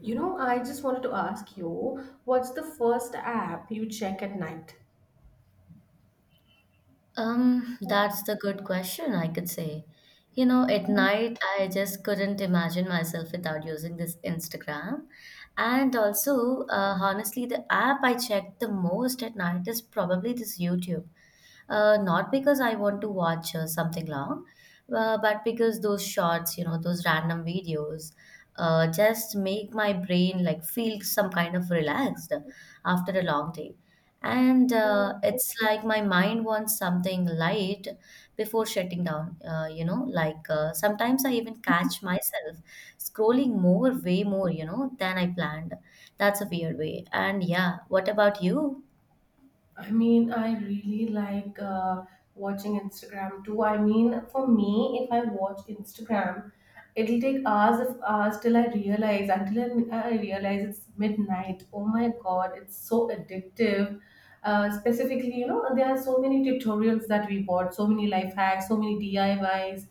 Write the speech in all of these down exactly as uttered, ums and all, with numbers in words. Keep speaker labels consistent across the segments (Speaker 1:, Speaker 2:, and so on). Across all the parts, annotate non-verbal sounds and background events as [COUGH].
Speaker 1: You know, I just wanted to ask you, what's the first app you check at night?
Speaker 2: Um, that's the good question, I could say. You know, at night, I just couldn't imagine myself without using this Instagram. And also, uh, honestly, the app I check the most at night is probably this YouTube. Uh, not because I want to watch uh, something long, uh, but because those shorts, you know, those random videos, uh, just make my brain like feel some kind of relaxed after a long day. And uh, it's like my mind wants something light before shutting down. Uh, you know, like uh, sometimes I even catch myself scrolling more, way more, you know, than I planned. That's a weird way. And yeah, what about you?
Speaker 1: I mean, I really like uh, watching Instagram too. I mean, for me, if I watch Instagram, it'll take hours of hours till I realize, until I, I realize it's midnight. Oh my God, it's so addictive. Uh, specifically, you know, there are so many tutorials that we watch, so many life hacks, so many D I Ys.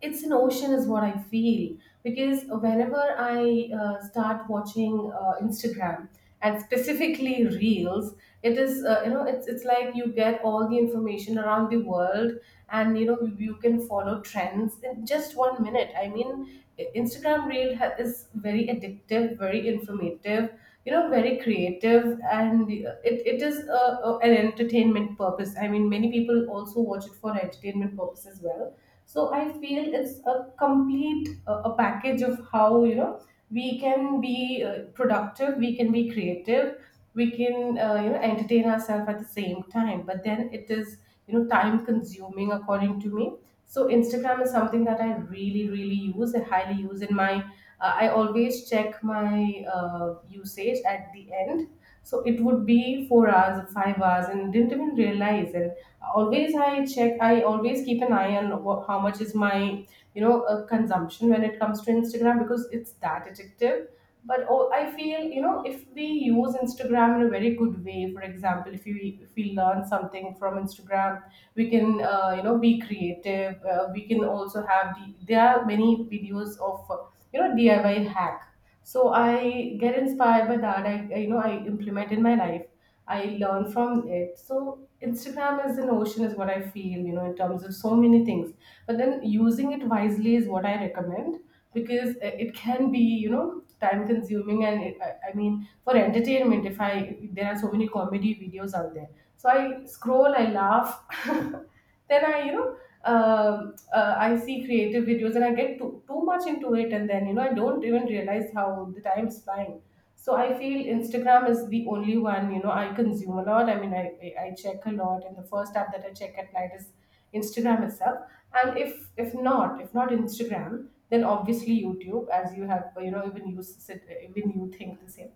Speaker 1: It's an ocean is what I feel, because whenever I uh, start watching uh, Instagram, and specifically reels, it is uh, you know it's it's like you get all the information around the world. And you know you you can follow trends in just one minute. I mean, I- instagram reel ha- is very addictive, very informative, you know, very creative. And uh, it, it is uh, uh, an entertainment purpose. I mean, many people also watch it for entertainment purpose as well. So I feel it's a complete uh, a package of how, you know, we can be uh, productive, we can be creative, we can, uh, you know entertain ourselves at the same time. But then it is, you know, time consuming according to me. So Instagram is something that i really really use, I highly use in my, uh, I always check my uh, usage at the end, so it would be four hours, five hours, and didn't even realize. And always I check, I always keep an eye on wha- how much is my, you know, uh, consumption when it comes to Instagram, because it's that addictive. But oh, I feel, you know, if we use Instagram in a very good way, for example, if we if we learn something from Instagram, we can, uh, you know, be creative. Uh, we can also have the, there are many videos of uh, you know, DIY hack. So I get inspired by that. I, I you know, I implement in my life, I learn from it. So Instagram is an ocean is what I feel, you know, in terms of so many things. But then using it wisely is what I recommend, because uh, it can be, you know, time consuming. And it, I, I mean, for entertainment, if I there are so many comedy videos out there. So I scroll, I laugh, [LAUGHS] then I, you know, um, uh, I see creative videos and I get too, too much into it, and then, you know, I don't even realize how the time is flying. So I feel Instagram is the only one, you know, I consume a lot. I mean, i i I check a lot, and the first app that I check at night is Instagram itself. And if if not, if not Instagram, then obviously YouTube, as you have, you know, even you sit, even you think the same.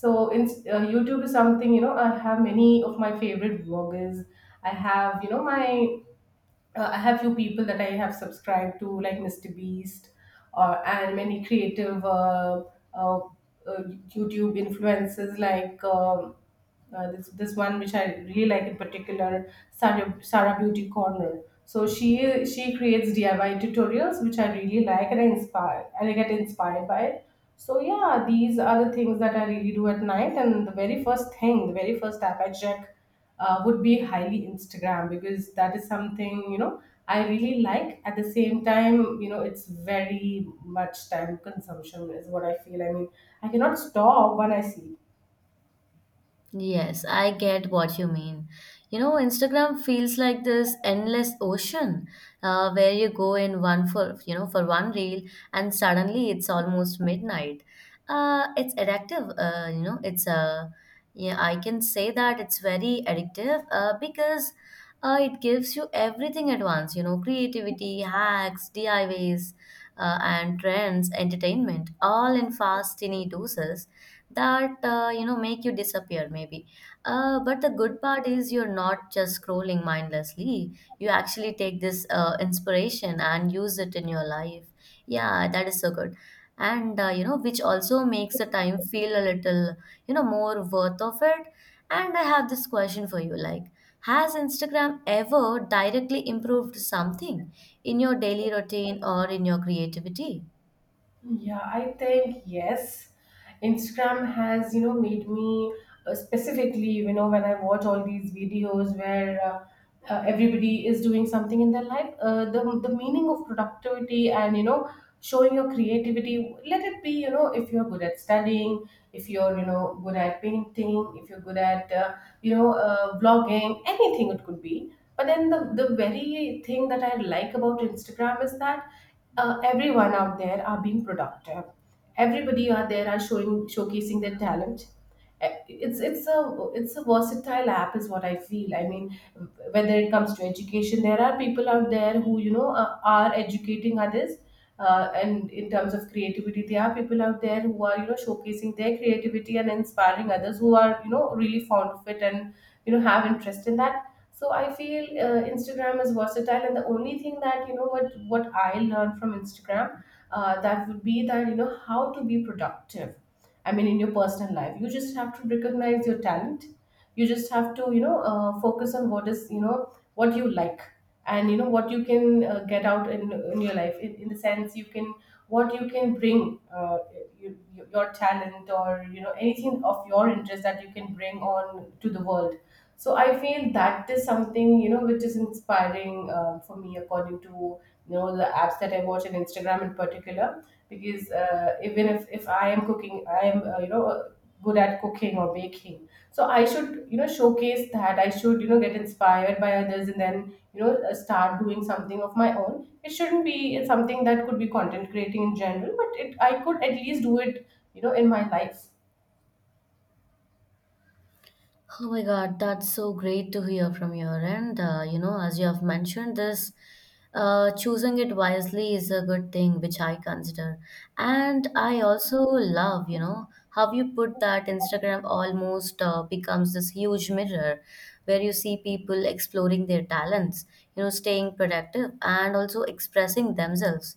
Speaker 1: So in, uh, YouTube is something, you know, I have many of my favorite vloggers. I have, you know, my, uh, I have few people that I have subscribed to, like Mister Beast, or and many creative uh, uh, uh, YouTube influencers, like um, uh, this this one which I really like in particular, Sarah Sarah Beauty Corner. So she she creates D I Y tutorials which I really like, and I inspire and I get inspired by it. So yeah, these are the things that I really do at night. And the very first thing, the very first app I check uh, would be highly Instagram, because that is something, you know, I really like. At the same time, you know, it's very much time consumption is what I feel. I mean, I cannot stop when I sleep.
Speaker 2: Yes, I get what you mean. You know, Instagram feels like this endless ocean uh, where you go in one for, you know, for one reel and suddenly it's almost midnight. Uh, it's addictive, uh, you know, it's uh, yeah, I can say that it's very addictive uh, because uh, it gives you everything at once, you know, creativity, hacks, D I Ys, uh, and trends, entertainment, all in fast, tiny doses that uh, you know make you disappear maybe. Uh, but the good part is you're not just scrolling mindlessly. You actually take this uh, inspiration and use it in your life. Yeah, that is so good. And uh, you know, which also makes the time feel a little, you know, more worth of it. And I have this question for you, like, has Instagram ever directly improved something in your daily routine or in your creativity?
Speaker 1: Yeah, I think yes. Instagram has, you know, made me uh, specifically, you know, when I watch all these videos where uh, uh, everybody is doing something in their life, uh, the the meaning of productivity, and you know, showing your creativity. Let it be, you know, if you're good at studying, if you're, you know, good at painting, if you're good at, uh, you know, uh, blogging, anything it could be. But then the the very thing that I like about Instagram is that uh, everyone out there are being productive. Everybody out there are showing showcasing their talent. Eh, It's it's a it's a versatile app is what I feel. I mean, whether it comes to education, there are people out there who, you know, are, are educating others. Uh, and in terms of creativity, there are people out there who are, you know, showcasing their creativity and inspiring others who are, you know, really fond of it and, you know, have interest in that. So I feel, uh, Instagram is versatile. And the only thing that, you know, what what I learned from Instagram, uh, that would be that, you know, how to be productive. I mean, in your personal life, you just have to recognize your talent. You just have to, you know, uh, focus on what is, you know, what you like, and you know what you can, uh, get out in, in your life, in, in the sense you can, what you can bring, uh, you, your talent, or you know, anything of your interest that you can bring on to the world. So I feel that is something, you know, which is inspiring uh, for me, according to, you know, the apps that I watch, and Instagram in particular, because uh, even if, if I am cooking, I am, uh, you know, uh, good at cooking or baking. So I should, you know, showcase that. I should, you know, get inspired by others, and then, you know, uh, start doing something of my own. It shouldn't be something that could be content creating in general, but it I could at least do it, you know, in my life.
Speaker 2: Oh my God, that's so great to hear from your end. Uh, you know, as you have mentioned this, uh, choosing it wisely is a good thing, which I consider. And I also love, you know, how you put that Instagram almost uh, becomes this huge mirror where you see people exploring their talents, you know, staying productive and also expressing themselves.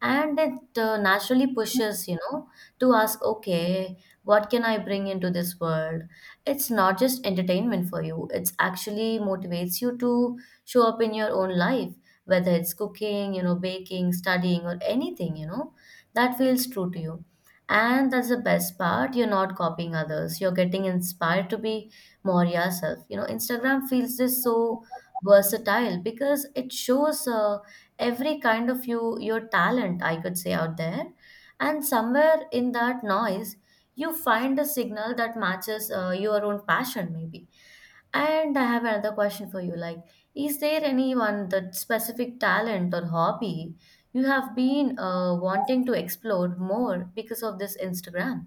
Speaker 2: And it uh, naturally pushes, you know, to ask, okay, what can I bring into this world? It's not just entertainment for you, it's actually motivates you to show up in your own life, whether it's cooking, you know, baking, studying, or anything, you know, that feels true to you. And that's the best part, you're not copying others, you're getting inspired to be more yourself. You know, Instagram feels this so versatile because it shows uh, every kind of you your talent, I could say, out there, and somewhere in that noise you find a signal that matches uh, your own passion maybe. And I have another question for you, like, is there anyone that specific talent or hobby you have been uh, wanting to explore more because of this Instagram?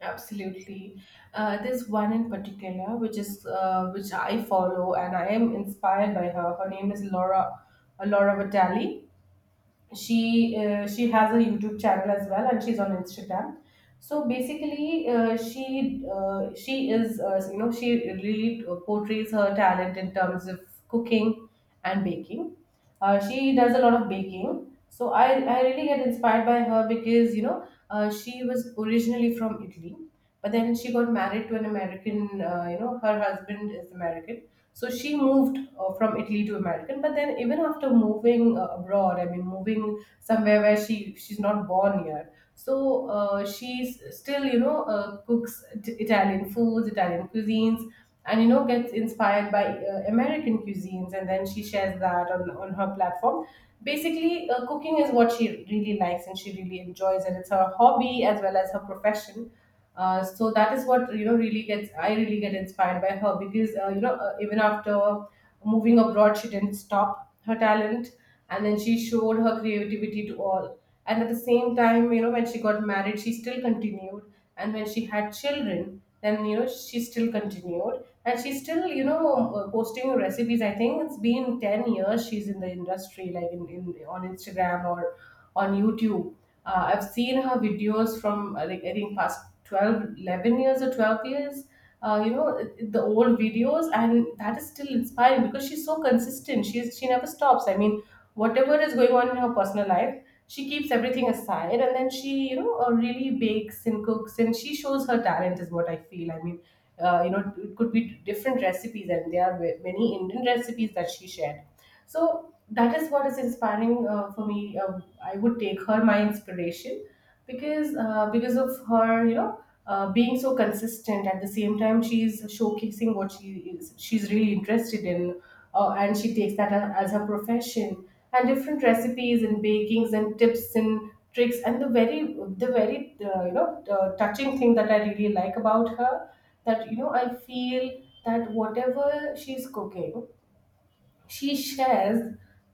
Speaker 1: Absolutely. Uh, there's one in particular which is uh, which I follow and I am inspired by her. Her name is Laura uh, Laura Vitale. She uh, she has a YouTube channel as well, and she's on Instagram. So basically, uh, she uh, she is, uh, you know, she really uh, portrays her talent in terms of cooking and baking. Uh, she does a lot of baking. So I I really get inspired by her, because, you know, uh, she was originally from Italy, but then she got married to an American. Uh, you know, her husband is American, so she moved, uh, from Italy to American. But then, even after moving, uh, abroad, I mean, moving somewhere where she she's not born here. So uh, she's still, you know, uh, cooks t- Italian foods, Italian cuisines, and, you know, gets inspired by uh, American cuisines, and then she shares that on, on her platform. Basically, uh, cooking is what she really likes and she really enjoys, and it's her hobby as well as her profession. Uh, so that is what, you know, really gets I really get inspired by her, because, uh, you know, uh, even after moving abroad, she didn't stop her talent, and then she showed her creativity to all. And at the same time, you know, when she got married, she still continued, and when she had children, then, you know, she still continued. And she's still, you know, um, uh, posting recipes. I think it's been ten years she's in the industry, like in, in on Instagram or on YouTube. Uh, I've seen her videos from uh, like I think past twelve, eleven years or twelve years. Uh, you know, it- the old videos, and that is still inspiring, because she's so consistent. She's she never stops. I mean, whatever is going on in her personal life, she keeps everything aside, and then she, you know, uh, really bakes and cooks, and she shows her talent is what I feel. I mean, uh, you know, it could be different recipes, and there are many Indian recipes that she shared. So that is what is inspiring uh, for me. Uh, I would take her my inspiration, because uh, because of her, you know, uh, being so consistent. At the same time, she's showcasing what she is. She's really interested in, uh, and she takes that a- as her profession. And different recipes and bakings and tips and tricks and the very the very uh, you know uh, touching thing that I really like about her that you know I feel that whatever she's cooking, she shares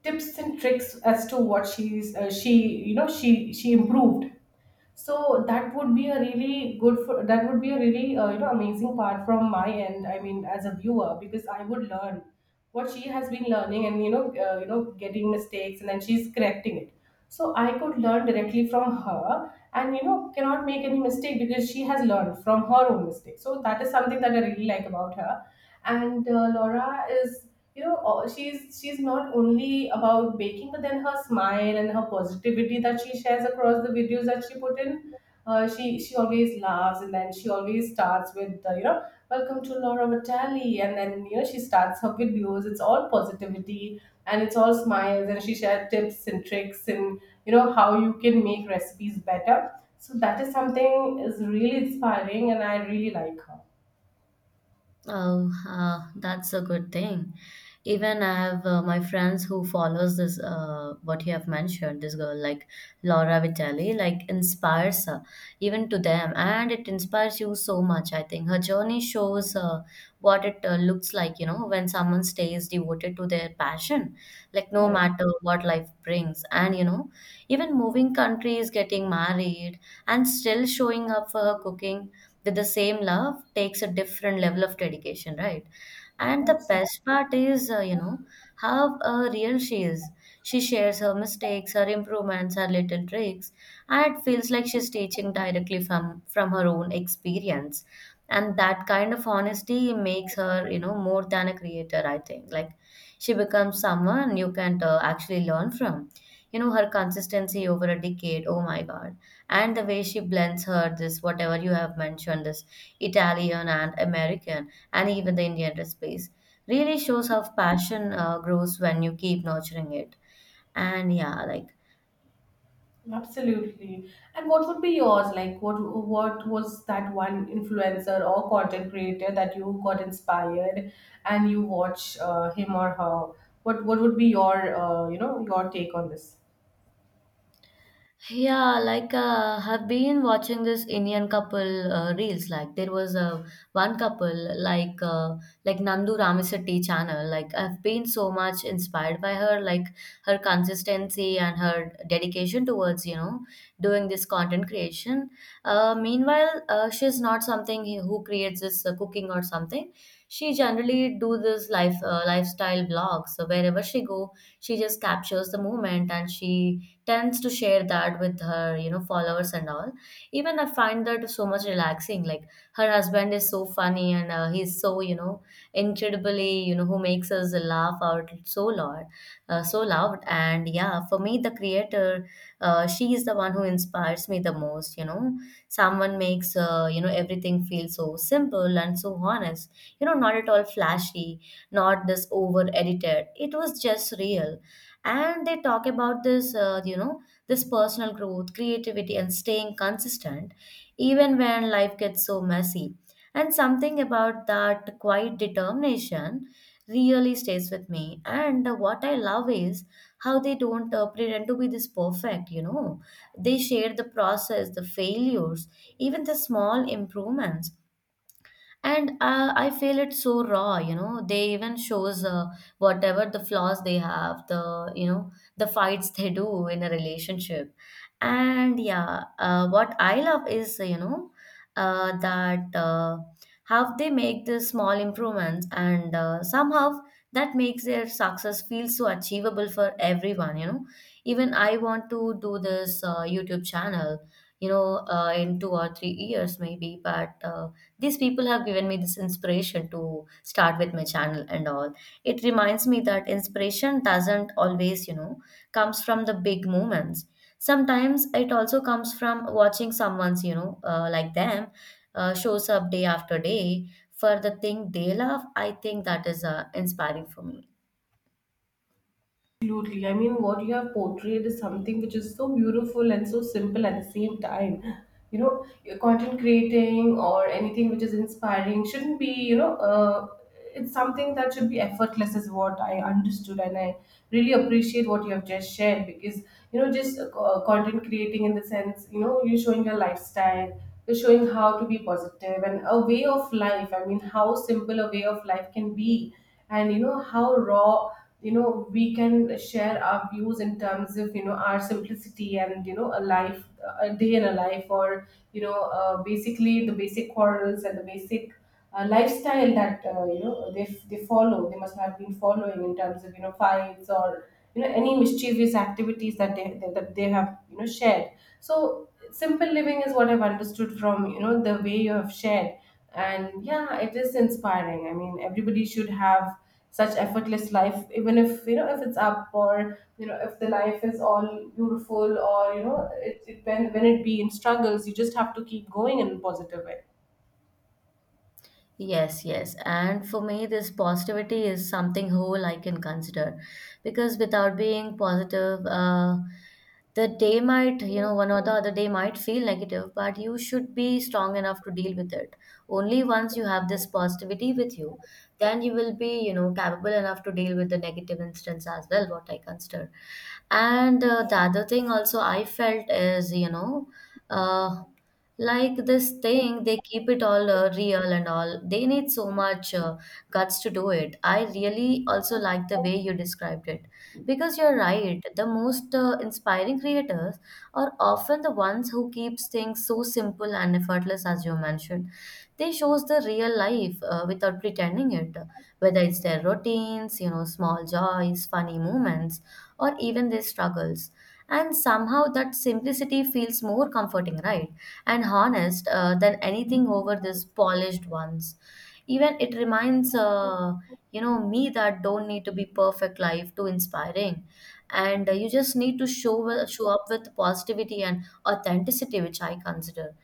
Speaker 1: tips and tricks as to what she's uh, she you know, she she improved. So that would be a really good for that would be a really uh, you know amazing part from my end, I mean as a viewer, because I would learn what she has been learning, and you know uh, you know getting mistakes and then she's correcting it. So I could learn directly from her and you know cannot make any mistake because she has learned from her own mistakes. So that is something that I really like about her. And uh, Laura is, you know uh, she's she's not only about baking, but then her smile and her positivity that she shares across the videos that she put in. Uh, she she always laughs, and then she always starts with uh, you know welcome to Laura Vitale, and then you know she starts her videos. It's all positivity and it's all smiles, and she shares tips and tricks and you know how you can make recipes better. So that is something, is really inspiring, and I really like her.
Speaker 2: Oh, uh, that's a good thing. Even I have uh, my friends who follows this uh, what you have mentioned, this girl like Laura Vitale, like inspires uh, even to them, and it inspires you so much. I think her journey shows uh, what it uh, looks like, you know, when someone stays devoted to their passion, like no
Speaker 1: Correct.
Speaker 2: matter what life brings, and you know, even moving countries, getting married, and still showing up for her cooking with the same love takes a different level of dedication, right? And the
Speaker 1: Absolutely.
Speaker 2: best part is, uh, you know, how uh, real she is. She shares her mistakes, her improvements, her little tricks, and it feels like she's teaching directly from from her own experience. And that kind of honesty makes her, you know, more than a creator, I think. Like, she becomes someone you can uh, actually learn from. You know, her consistency over a decade, oh my God, and the way she blends her this, whatever you have mentioned, this Italian and American and even the Indian recipes really shows how passion uh, grows when you keep nurturing it. And yeah, like,
Speaker 1: Absolutely. And what would be yours? Like what what was that one influencer or content creator that you got inspired and you watch uh, him or her? What what would be your uh, you know your take on this?
Speaker 2: yeah, like uh, have been watching this Indian couple uh, reels. Like, there was a one couple, like uh, like Nandu Ramasetty channel. Like, I've been so much inspired by her, like her consistency and her dedication towards, you know, doing this content creation. Uh, meanwhile, uh, she's not something he- who creates this uh, cooking or something. She generally do this life uh, lifestyle blogs. So wherever she go, she just captures the moment and she tends to share that with her, you know, followers and all. Even I find that so much relaxing. Like, her husband is so funny and uh, he's so, you know, incredibly, you know, who makes us laugh out so loud, uh, so loud. And yeah, for me, the creator, uh, she is the one who inspires me the most. You know, someone makes uh, you know, everything feel so simple and so honest. You know, not at all flashy, not this over edited. It was just real. And they talk about this, uh, you know, this personal growth, creativity, and staying consistent, even when life gets so messy. And something about that quiet determination really stays with me. And uh, what I love is how they don't uh, pretend to be this perfect, you know. They share the process, the failures, even the small improvements, and uh, I feel it's so raw. You know, they even shows uh, whatever the flaws they have, the, you know, the fights they do in a relationship. And yeah, uh, what I love is, you know uh, that uh, how they make the small improvements, and uh, somehow that makes their success feel so achievable for everyone. You know, even I want to do this uh, YouTube channel, you know, uh, in two or three years maybe. But uh, these people have given me this inspiration to start with my channel and all. It reminds me that inspiration doesn't always, you know, comes from the big moments. Sometimes it also comes from watching someone's, you know, uh, like them, uh, shows up day after day for the thing they love. I think that is uh, inspiring for me.
Speaker 1: Absolutely. I mean, what you have portrayed is something which is so beautiful and so simple at the same time. You know, your content creating or anything which is inspiring shouldn't be, you know, uh, it's something that should be effortless, is what I understood. And I really appreciate what you have just shared because, you know, just uh, content creating, in the sense, you know, you're showing your lifestyle, you're showing how to be positive and a way of life. I mean, how simple a way of life can be, and you know how raw you know we can share our views in terms of you know our simplicity, and you know a life, a day in a life, or you know uh, basically the basic quarrels and the basic uh, lifestyle that uh, you know they, they follow, they must have been following in terms of you know fights or you know any mischievous activities that they that they have you know shared. So simple living is what I've understood from you know the way you have shared. And yeah, it is inspiring. I mean, everybody should have such effortless life, even if you know if it's up, or you know if the life is all beautiful, or you know it, it when, when it be in struggles, you just have to keep going in a positive way.
Speaker 2: Yes, yes. And for me, this positivity is something whole I can consider because without being positive, uh, the day might, you know, one or the other day might feel negative, but you should be strong enough to deal with it. Only once you have this positivity with you, then you will be, you know, capable enough to deal with the negative instance as well, what I consider. And uh, the other thing also I felt is, you know, uh, like this thing, they keep it all uh, real and all. They need so much uh, guts to do it. I really also like the way you described it because you're right. The most uh, inspiring creators are often the ones who keeps things so simple and effortless, as you mentioned. They shows the real life uh, without pretending it, whether it's their routines, you know, small joys, funny moments, or even their struggles. And somehow that simplicity feels more comforting, right? And honest, uh, than anything over these polished ones. Even it reminds, uh, you know, me that don't need to be perfect life to inspiring, and uh, you just need to show wi- show up with positivity and authenticity, which I consider.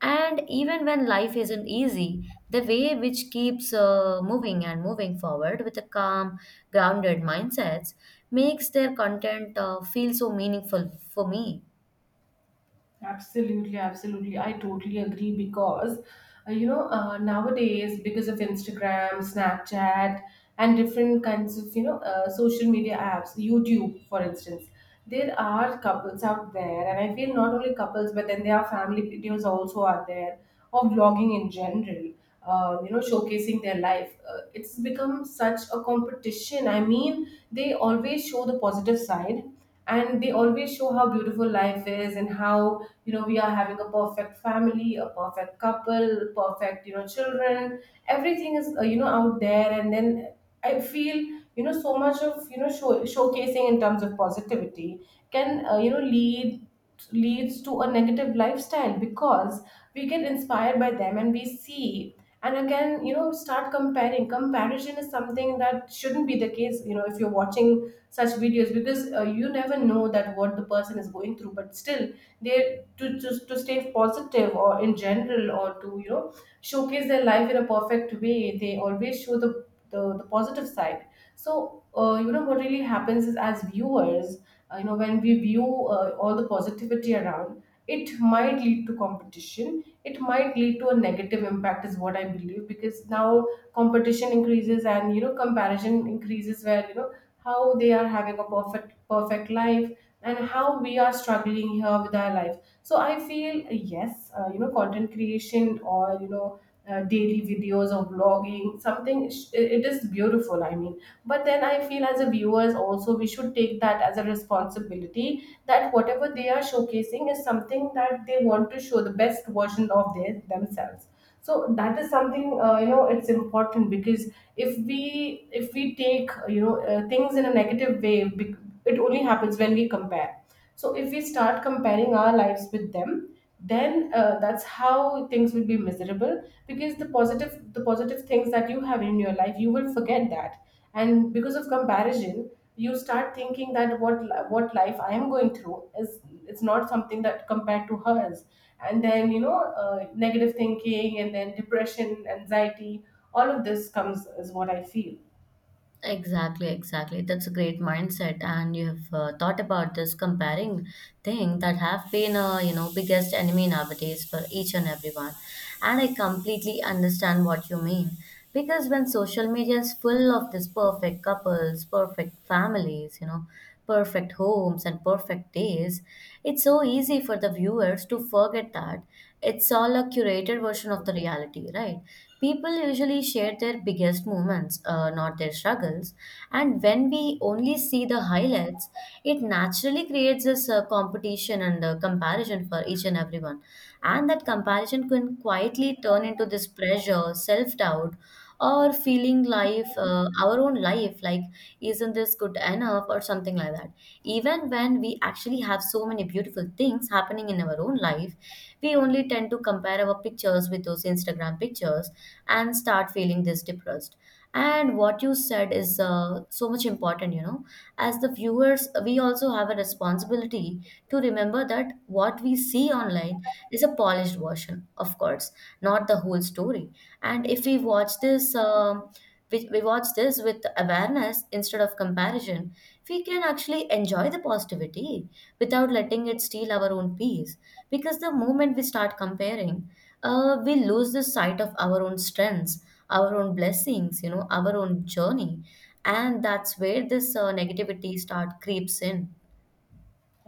Speaker 2: And even when life isn't easy, the way which keeps uh, moving and moving forward with a calm, grounded mindsets makes their content uh, feel so meaningful for me.
Speaker 1: Absolutely, absolutely. I totally agree because, uh, you know, uh, nowadays, because of Instagram, Snapchat, and different kinds of, you know, uh, social media apps, YouTube, for instance, there are couples out there, and I feel not only couples, but then there are family videos also out there, or vlogging in general, uh, you know, showcasing their life. Uh, it's become such a competition. I mean, they always show the positive side, and they always show how beautiful life is and how you know we are having a perfect family, a perfect couple, perfect you know children. Everything is uh, you know out there, and then I feel you know so much of you know show, showcasing in terms of positivity can uh, you know lead leads to a negative lifestyle, because we get inspired by them and we see, and again you know start comparing. Comparison is something that shouldn't be the case, you know, if you're watching such videos, because uh, you never know that what the person is going through, but still they to, to to stay positive or in general, or to you know showcase their life in a perfect way, they always show the the, the positive side. So uh, you know what really happens is, as viewers, uh, you know when we view uh, all the positivity around, it might lead to competition, it might lead to a negative impact, is what I believe, because now competition increases and you know comparison increases, where you know how they are having a perfect, perfect life, and how we are struggling here with our life. So I feel, uh, yes, uh, you know content creation or you know uh, daily videos or vlogging something, sh- it, it is beautiful, I mean. But then I feel as a viewers also we should take that as a responsibility, that whatever they are showcasing is something that they want to show the best version of their themselves. So that is something, uh, you know it's important, because if we if we take uh, you know uh, things in a negative way, bec- it only happens when we compare. So if we start comparing our lives with them, then uh, that's how things will be miserable, because the positive the positive things that you have in your life, you will forget that, and because of comparison, you start thinking that what what life I am going through is, it's not something that compared to hers, and then you know uh, negative thinking, and then depression, anxiety, all of this comes, is what I feel.
Speaker 2: Exactly, exactly. That's a great mindset, and you have uh, thought about this comparing thing that have been a, you know, biggest enemy nowadays for each and everyone. And I completely understand what you mean because when social media is full of this perfect couples, perfect families, you know, perfect homes and perfect days, it's so easy for the viewers to forget that it's all a curated version of the reality, right? People usually share their biggest moments, uh, not their struggles. And when we only see the highlights, it naturally creates this uh, competition and uh, comparison for each and everyone. And that comparison can quietly turn into this pressure, self doubt, or feeling life, uh, our own life, like, isn't this good enough, or something like that. Even when we actually have so many beautiful things happening in our own life, we only tend to compare our pictures with those Instagram pictures and start feeling this depressed. And what you said is uh, so much important, you know, as the viewers we also have a responsibility to remember that what we see online is a polished version, of course, not the whole story. And if we watch this um we, we watch this with awareness instead of comparison, we can actually enjoy the positivity without letting it steal our own peace. Because the moment we start comparing, uh, we lose the sight of our own strengths, our own blessings, you know, our own journey. And that's where this uh, negativity start creeps in.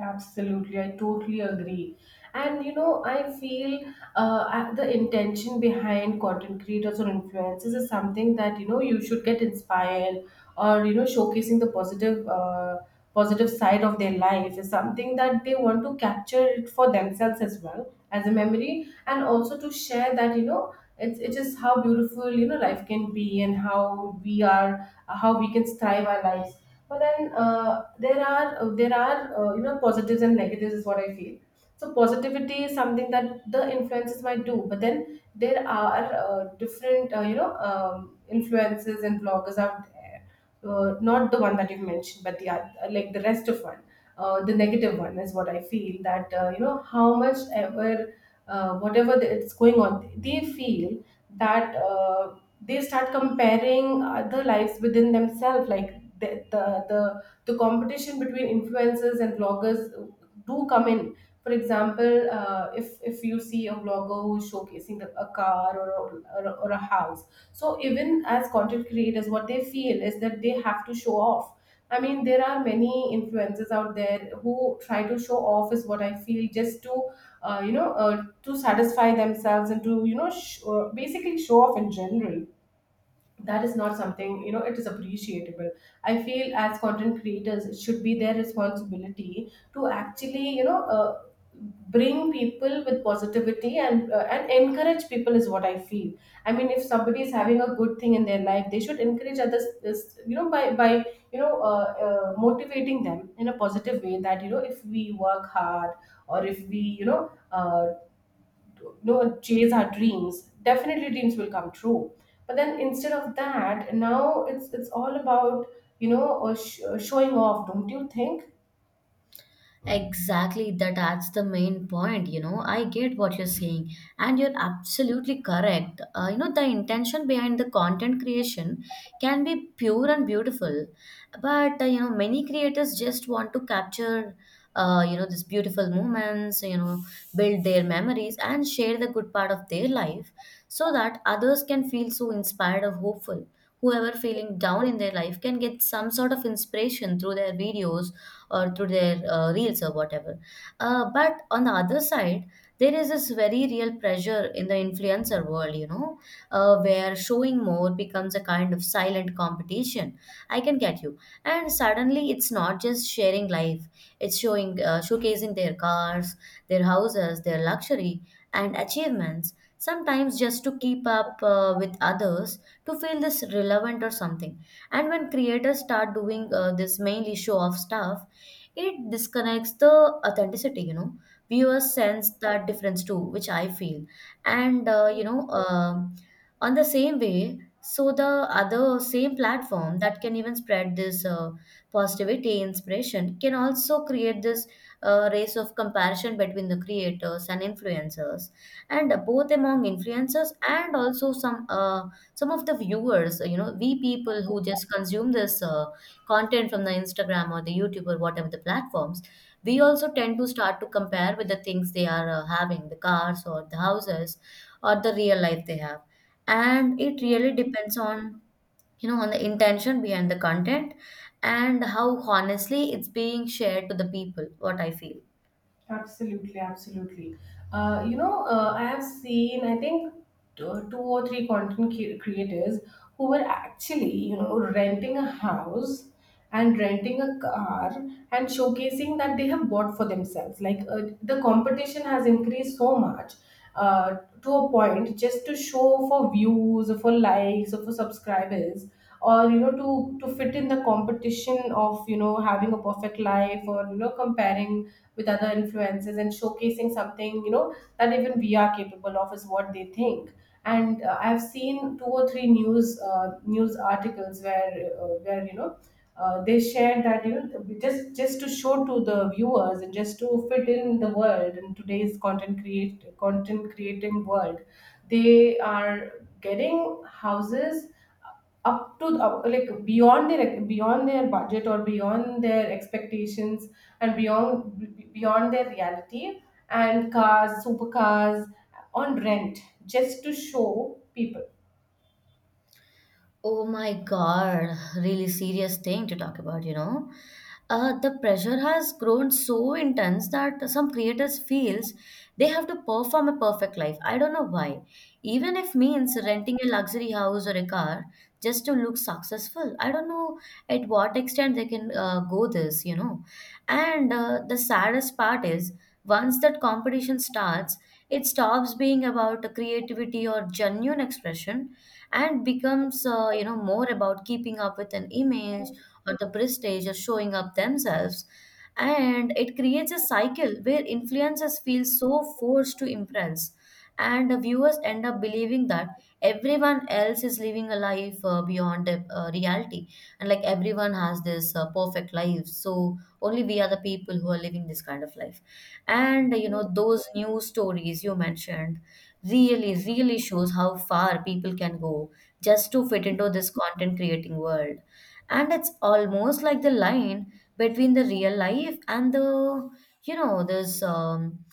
Speaker 1: Absolutely, I totally agree. And you know, I feel uh, at the intention behind content creators or influencers is something that you know you should get inspired, or you know showcasing the positive uh, positive side of their life is something that they want to capture it for themselves as well, as a memory, and also to share that you know it's, it is how beautiful you know life can be, and how we are how we can thrive our lives. But then uh, there are uh, there are uh, you know positives and negatives is what I feel so positivity is something that the influences might do but then there are uh, different uh, you know um, influences and bloggers out there, uh, not the one that you've mentioned, but the oth- uh, like the rest of one. Uh, the negative one is what I feel, that uh, you know how much ever uh, whatever the, it's going on, they feel that uh, they start comparing other lives within themselves, like the, the the the competition between influencers and bloggers do come in. For example, uh, if if you see a vlogger who is showcasing a a car, or a, or, a, or a house. So even as content creators, what they feel is that they have to show off. I mean, there are many influencers out there who try to show off, is what I feel, just to uh, you know uh, to satisfy themselves, and to you know sh- uh, basically show off in general. That is not something you know it is appreciable. I feel as content creators it should be their responsibility to actually you know uh, bring people with positivity and uh, and encourage people, is what I feel. I mean, if somebody is having a good thing in their life, they should encourage others, this you know by by you know uh, uh, motivating them in a positive way, that you know if we work hard, or if we you know uh, no chase our dreams, definitely dreams will come true. But then instead of that, now it's it's all about you know uh, sh- uh, showing off, don't you think?
Speaker 2: Exactly, that that's the main point. You know, I get what you're saying, and you're absolutely correct. Uh, you know, the intention behind the content creation can be pure and beautiful, but uh, you know, many creators just want to capture, uh, you know, these beautiful moments. You know, build their memories and share the good part of their life, so that others can feel so inspired or hopeful. Whoever feeling down in their life can get some sort of inspiration through their videos or through their uh, reels or whatever. Uh, but on the other side, there is this very real pressure in the influencer world, you know, uh, where showing more becomes a kind of silent competition. I can get you. And suddenly, it's not just sharing life, it's showing, uh, showcasing their cars, their houses, their luxury, and achievements. Sometimes just to keep up uh, with others, to feel this relevant or something. And when creators start doing uh, this mainly show off stuff, it disconnects the authenticity, you know. Viewers sense that difference too, which I feel. And, uh, you know, um on the same way, so the other same platform that can even spread this uh, positivity, inspiration, can also create this uh, race of comparison between the creators and influencers, and both among influencers and also some uh, some of the viewers. You know, we people who just consume this uh, content from the Instagram or the YouTube or whatever the platforms, we also tend to start to compare with the things they are uh, having, the cars or the houses or the real life they have. And it really depends on, you know, on the intention behind the content and how honestly it's being shared to the people, what I feel.
Speaker 1: Absolutely, absolutely. Uh, you know, uh, I have seen, I think, two two or three content cre- creators who were actually, you know, renting a house and renting a car and showcasing that they have bought for themselves. Like, uh, the competition has increased so much uh, to a point just to show for views, or for likes, or for subscribers. Or you know to to fit in the competition of you know having a perfect life, or you know comparing with other influences and showcasing something you know that even we are capable of, is what they think. And uh, I've seen two or three news uh, news articles where uh, where you know uh, they shared that you know just just to show to the viewers and just to fit in the world in today's content create content creating world, they are getting houses up to up, like beyond their, beyond their budget or beyond their expectations, and beyond, beyond their reality, and cars, supercars, on rent, just to show people.
Speaker 2: Oh my God, really serious thing to talk about, you know. Uh, the pressure has grown so intense that some creators feels they have to perform a perfect life. I don't know why. Even if means renting a luxury house or a car just to look successful. I don't know at what extent they can uh, go this, you know. And uh, the saddest part is once that competition starts, it stops being about creativity or genuine expression and becomes, uh, you know, more about keeping up with an image or the prestige or showing up themselves. And it creates a cycle where influencers feel so forced to impress and the viewers end up believing that everyone else is living a life uh, beyond uh, reality, and like everyone has this uh, perfect life, so only we are the people who are living this kind of life. And you know those news stories you mentioned really really shows how far people can go just to fit into this content creating world. And it's almost like the line between the real life and the, you know this um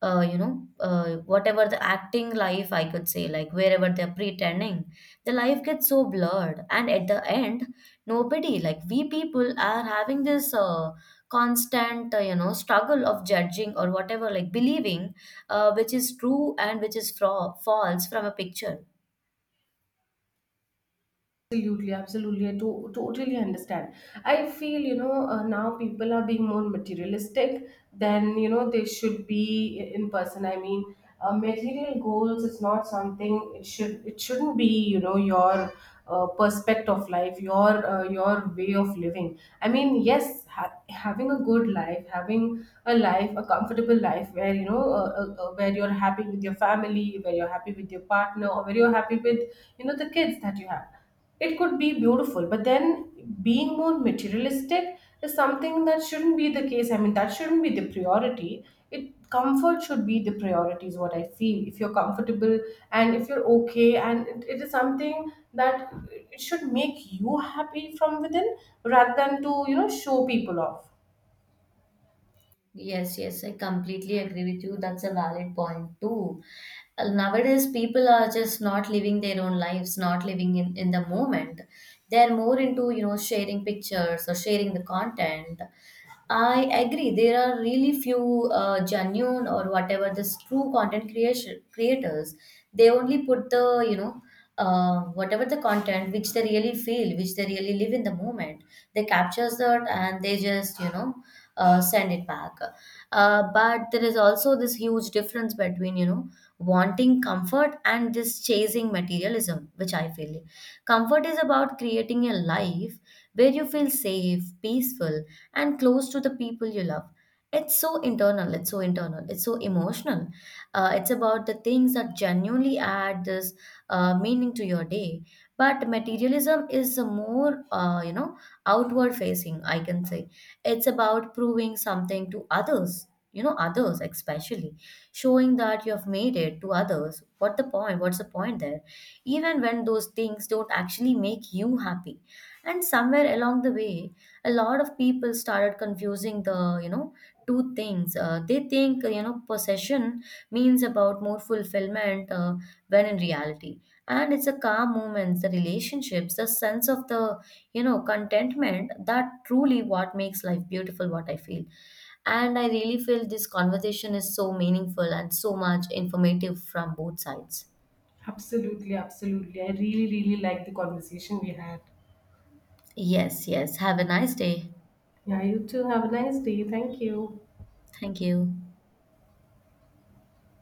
Speaker 2: uh, you know uh, whatever the acting life I could say, like wherever they're pretending, the life gets so blurred. And at the end, nobody, like we people are having this uh, constant, uh, you know, struggle of judging or whatever, like believing uh, which is true and which is fro- false from a picture.
Speaker 1: Absolutely, absolutely. I to- totally understand. I feel, you know, uh, now people are being more materialistic than, you know, they should be i- in person. I mean, uh, material goals is not something, it should it shouldn't be, you know, your uh, perspective of life, your uh, your way of living. I mean, yes, ha- having a good life, having a life, a comfortable life where, you know, uh, uh, uh, where you're happy with your family, where you're happy with your partner, or where you're happy with, you know, the kids that you have, it could be beautiful. But then being more materialistic is something that shouldn't be the case. I mean, that shouldn't be the priority. It, comfort should be the priority, is what I feel. If you're comfortable and if you're okay and it, it is something that it should make you happy from within rather than to, you know, show people off.
Speaker 2: Yes, yes, I completely agree with you. That's a valid point too. Uh, Nowadays, people are just not living their own lives, not living in, in the moment. They're more into, you know, sharing pictures or sharing the content. I agree. There are really few uh, genuine or whatever this true content creation creators. They only put the, you know, uh, whatever the content which they really feel, which they really live in the moment. They captures that and they just, you know, uh, send it back. Uh, but there is also this huge difference between, you know, wanting comfort and this chasing materialism, which I feel. Comfort is about creating a life where you feel safe, peaceful, and close to the people you love. It's so internal, it's so internal, it's so emotional. Uh, it's about the things that genuinely add this uh, meaning to your day. But materialism is a more, uh, you know, outward facing, I can say. It's about proving something to others, you know, others especially, showing that you have made it to others. What the point? What's the point there? Even when those things don't actually make you happy. And somewhere along the way, a lot of people started confusing the, you know, two things. Uh, they think, you know, possession means about more fulfillment, uh, when in reality, and it's a calm moments, the relationships, the sense of the, you know, contentment, that truly what makes life beautiful, what I feel. And I really feel this conversation is so meaningful and so much informative from both sides.
Speaker 1: Absolutely, absolutely. I really, really like the conversation we had.
Speaker 2: Yes, yes, have a nice day.
Speaker 1: Yeah, you too. Have a nice day. Thank you.
Speaker 2: Thank you.